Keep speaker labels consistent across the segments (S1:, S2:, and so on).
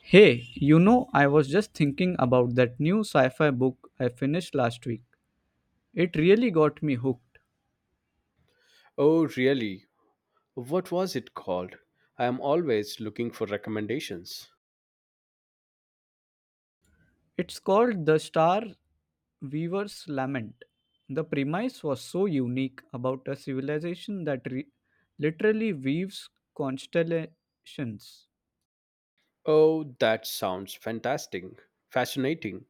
S1: Hey, you know, I was just thinking about that new sci fi book I finished last week. It really got me hooked.
S2: Oh, really? What was it called? I am always looking for recommendations.
S1: It's called The Star Weaver's Lament. The premise was so unique about a civilization that literally weaves constellations.
S2: Oh, that sounds fantastic. Fascinating.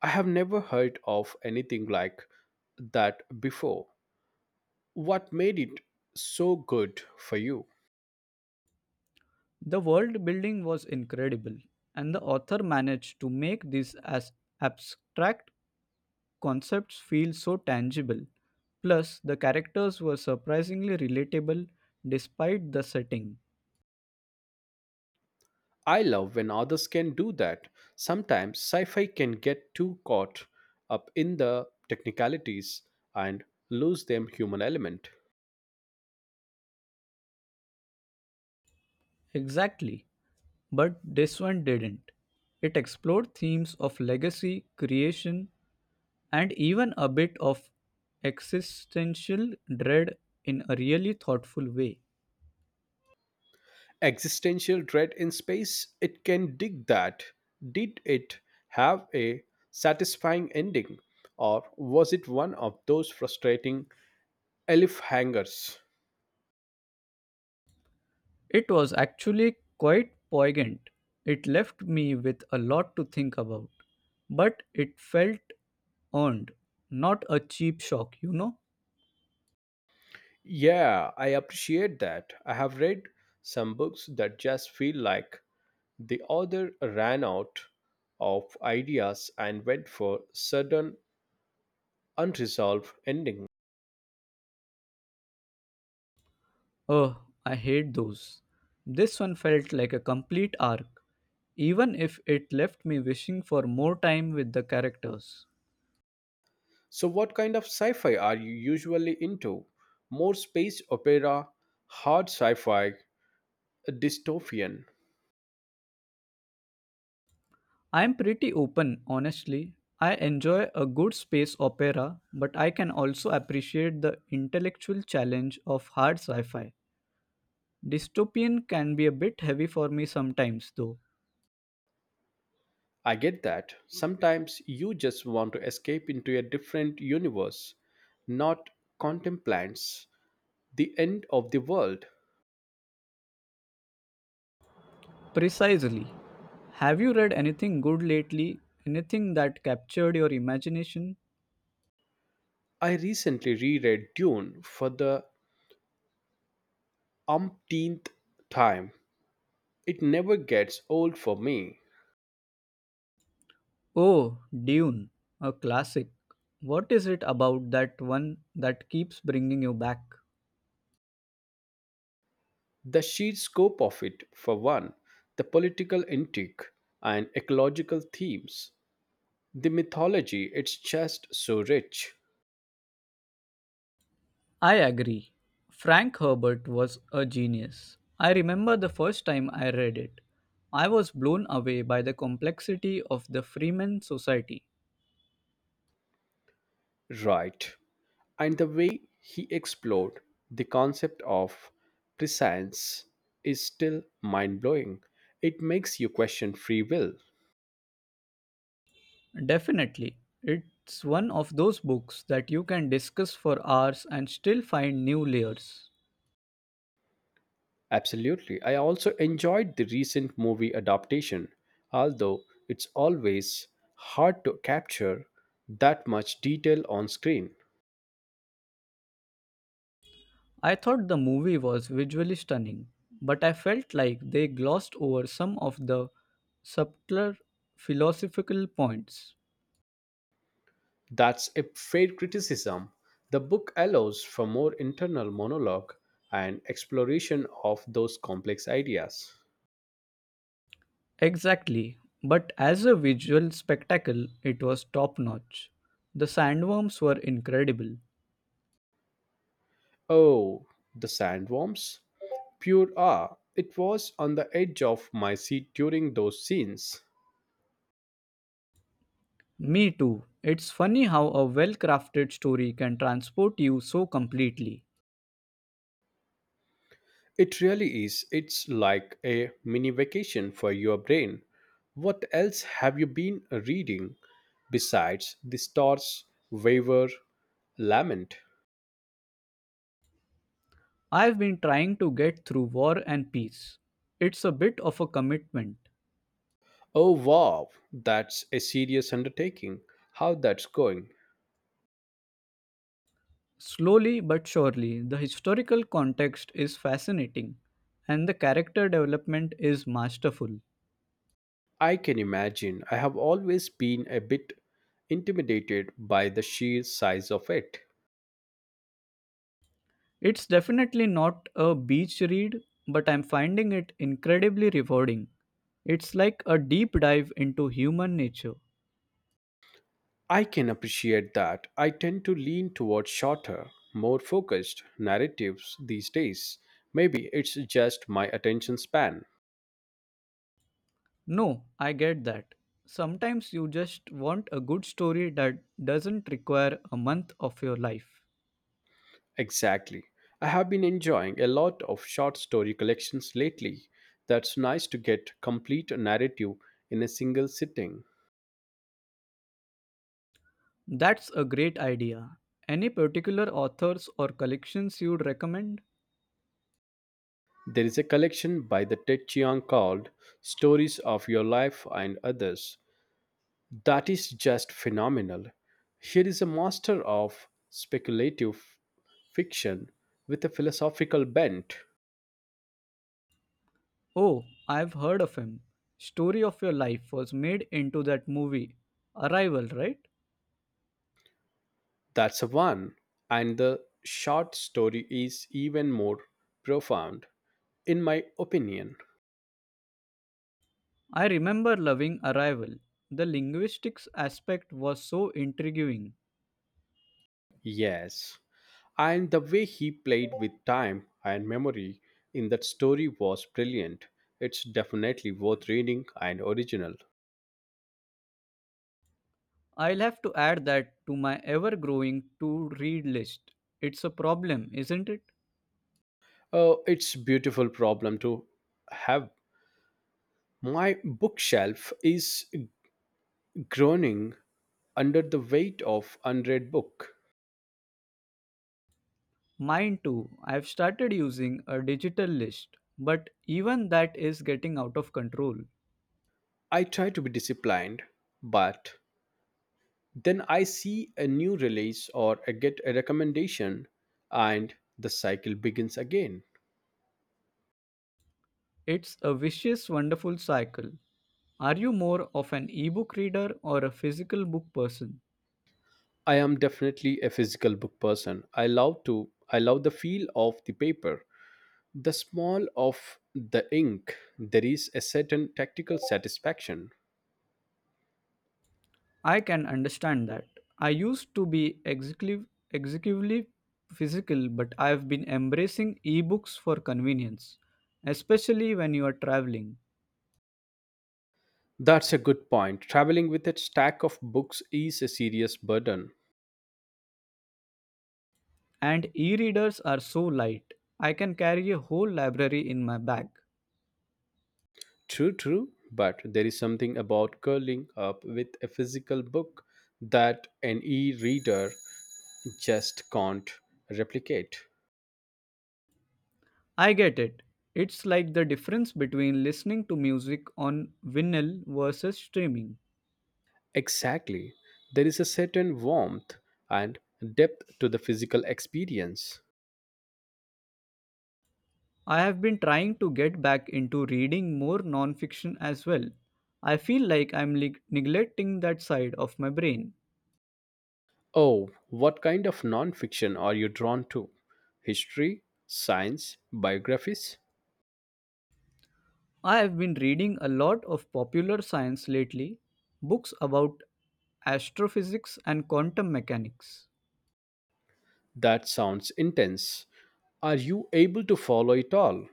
S2: I have never heard of anything like that before. What made it so good for you?
S1: The world building was incredible, and the author managed to make these as abstract concepts feel so tangible. Plus, the characters were surprisingly relatable despite the setting.
S2: I love when others can do that. Sometimes sci fi can get too caught up in the technicalities and lose them human element.
S1: Exactly. But this one didn't. It explored themes of legacy, creation, and even a bit of existential dread in a really thoughtful way.
S2: Existential dread in space? It can dig that. Did it have a satisfying ending? Or was it one of those frustrating elf hangers?
S1: It was actually quite poignant. It left me with a lot to think about, but it felt earned, not a cheap shock, you know?
S2: Yeah, I appreciate that. I have read some books that just feel like the author ran out of ideas and went for sudden unresolved ending.
S1: Oh, I hate those. This one felt like a complete arc, even if it left me wishing for more time with the characters.
S2: So what kind of sci-fi are you usually into? More space opera, hard sci-fi, dystopian.
S1: I'm pretty open, honestly. I enjoy a good space opera, but I can also appreciate the intellectual challenge of hard sci fi. Dystopian can be a bit heavy for me sometimes, though.
S2: I get that. Sometimes you just want to escape into a different universe, not contemplants the end of the world.
S1: Precisely. Have you read anything good lately? Anything that captured your imagination?
S2: I recently reread Dune for the umpteenth time. It never gets old for me.
S1: Oh, Dune, a classic. What is it about that one that keeps bringing you back?
S2: The sheer scope of it, for one, the political intrigue and ecological themes, the mythology, it's just so rich.
S1: I agree. Frank Herbert was a genius. I remember the first time I read it. I was blown away by the complexity of the Freeman Society.
S2: Right. And the way he explored the concept of prescience is still mind blowing. It makes you question free will.
S1: Definitely. It's one of those books that you can discuss for hours and still find new layers.
S2: Absolutely. I also enjoyed the recent movie adaptation, although it's always hard to capture that much detail on screen.
S1: I thought the movie was visually stunning, but I felt like they glossed over some of the subtler philosophical points.
S2: That's a fair criticism. The book allows for more internal monologue and exploration of those complex ideas.
S1: Exactly, but as a visual spectacle, it was top notch. The sandworms were incredible.
S2: Oh, the sandworms? Pure awe. It was on the edge of my seat during those scenes.
S1: Me too. It's funny how a well crafted story can transport you so completely.
S2: It really is. It's like a mini vacation for your brain. What else have you been reading besides the stars waver lament?
S1: I've been trying to get through War and Peace. It's a bit of a commitment.
S2: Oh wow, that's a serious undertaking. How that's going?
S1: Slowly but surely, the historical context is fascinating and the character development is masterful.
S2: I can imagine. I have always been a bit intimidated by the sheer size of it.
S1: It's definitely not a beach read, but I'm finding it incredibly rewarding. It's like a deep dive into human nature.
S2: I can appreciate that. I tend to lean towards shorter, more focused narratives these days. Maybe it's just my attention span.
S1: No, I get that. Sometimes you just want a good story that doesn't require a month of your life.
S2: Exactly. I have been enjoying a lot of short story collections lately. That's nice to get complete narrative in a single sitting.
S1: That's a great idea. Any particular authors or collections you'd recommend?
S2: There is a collection by the Ted Chiang called Stories of Your Life and Others. That is just phenomenal. Here is a master of speculative fiction with a philosophical bent.
S1: Oh, I've heard of him. Story of Your Life was made into that movie, Arrival, right?
S2: That's the one. And the short story is even more profound, in my opinion.
S1: I remember loving Arrival. The linguistics aspect was so intriguing.
S2: Yes. And the way he played with time and memory in that story was brilliant. It's definitely worth reading and original.
S1: I'll have to add that to my ever growing to read list. It's a problem, isn't it?
S2: Oh, it's beautiful problem to have. My bookshelf is groaning under the weight of unread book.
S1: Mine too. I've started using a digital list, but even that is getting out of control.
S2: I try to be disciplined, but then I see a new release or I get a recommendation and the cycle begins again.
S1: It's a vicious, wonderful cycle. Are you more of an ebook reader or a physical book person?
S2: I am definitely a physical book person. I love to I love the feel of the paper, the smell of the ink. There is a certain tactical satisfaction.
S1: I can understand that. I used to be executively physical, but I've been embracing ebooks for convenience, especially when you are traveling.
S2: That's a good point. Traveling with a stack of books is a serious burden.
S1: And e readers are so light, I can carry a whole library in my bag.
S2: True, true, but there is something about curling up with a physical book that an e reader just can't replicate.
S1: I get it. It's like the difference between listening to music on vinyl versus streaming.
S2: Exactly. There is a certain warmth and depth to the physical experience.
S1: I have been trying to get back into reading more nonfiction as well. I feel like I'm neglecting that side of my brain.
S2: Oh, what kind of non fiction are you drawn to? History, science, biographies?
S1: I have been reading a lot of popular science lately, books about astrophysics and quantum mechanics.
S2: That sounds intense. Are you able to follow it all?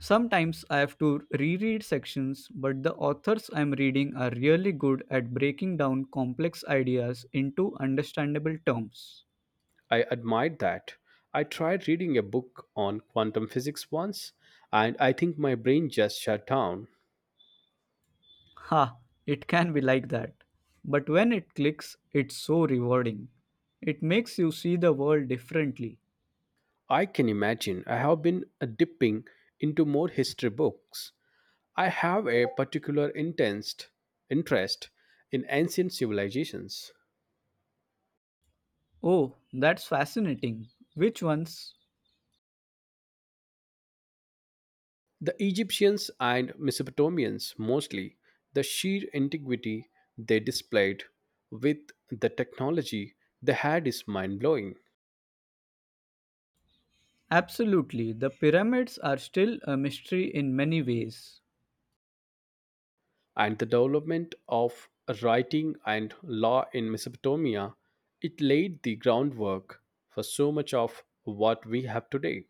S1: Sometimes I have to reread sections, but the authors I'm reading are really good at breaking down complex ideas into understandable terms.
S2: I admired that. I tried reading a book on quantum physics once, and I think my brain just shut down.
S1: Ha, it can be like that. But when it clicks, it's so rewarding. It makes you see the world differently.
S2: I can imagine I have been dipping into more history books. I have a particular intense interest in ancient civilizations.
S1: Oh, that's fascinating. Which ones?
S2: The Egyptians and Mesopotamians mostly, the sheer antiquity they displayed with the technology they had is mind blowing.
S1: Absolutely, the pyramids are still a mystery in many ways.
S2: And the development of writing and law in Mesopotamia, it laid the groundwork for so much of what we have today.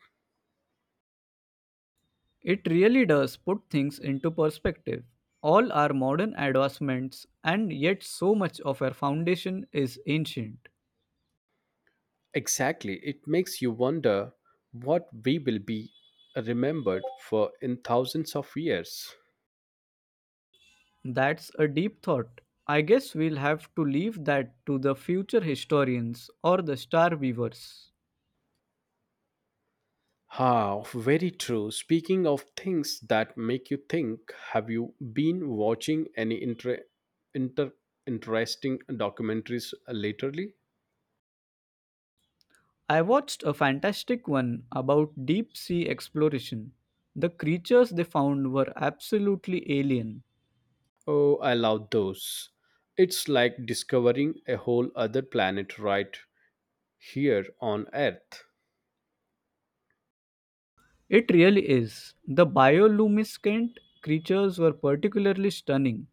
S1: It really does put things into perspective. All our modern advancements, and yet so much of our foundation is ancient.
S2: Exactly, it makes you wonder what we will be remembered for in thousands of years.
S1: That's a deep thought. I guess we'll have to leave that to the future historians or the star weavers.
S2: Ah, very true. Speaking of things that make you think, have you been watching any inter- interesting documentaries lately?
S1: I watched a fantastic one about deep sea exploration. The creatures they found were absolutely alien.
S2: Oh, I love those. It's like discovering a whole other planet right here on Earth.
S1: It really is. The bioluminescent creatures were particularly stunning.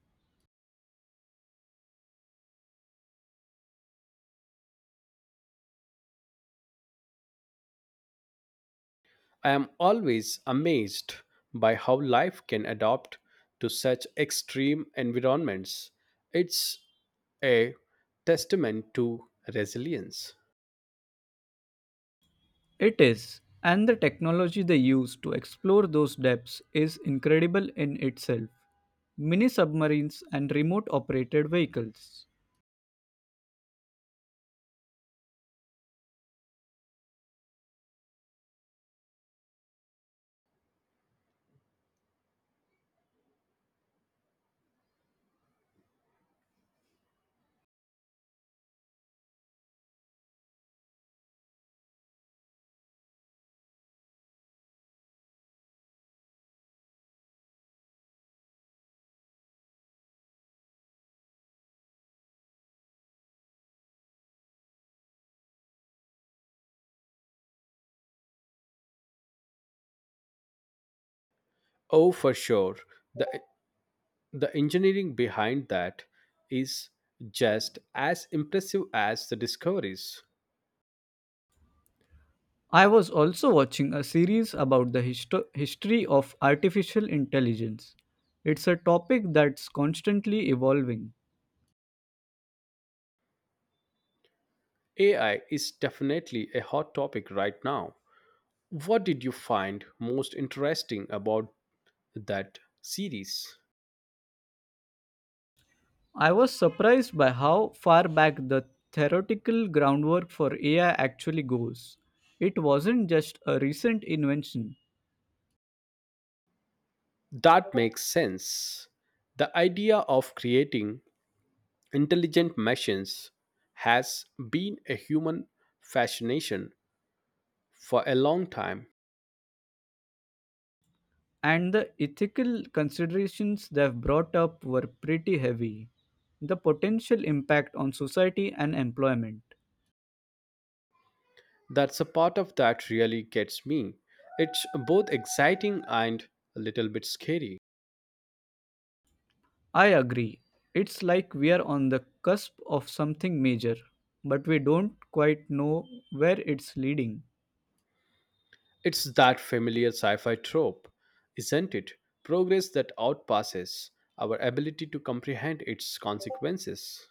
S2: I am always amazed by how life can adapt to such extreme environments. It's a testament to resilience.
S1: It is. And the technology they used to explore those depths is incredible in itself. Mini submarines and remote operated vehicles.
S2: Oh, for sure. The, the engineering behind that is just as impressive as the discoveries.
S1: I was also watching a series about the history of artificial intelligence. It's a topic that's constantly evolving.
S2: AI is definitely a hot topic right now. What did you find most interesting about that series?
S1: I was surprised by how far back the theoretical groundwork for AI actually goes. It wasn't just a recent invention,
S2: That makes sense. The idea of creating intelligent machines has been a human fascination for a long time.
S1: and the ethical considerations they've brought up were pretty heavy. The potential impact on society and employment.
S2: That's a part of that really gets me. It's both exciting and a little bit scary.
S1: I agree. It's like we're on the cusp of something major, but we don't quite know where it's leading.
S2: It's that familiar sci fi trope, isn't it? Progress that outpasses our ability to comprehend its consequences.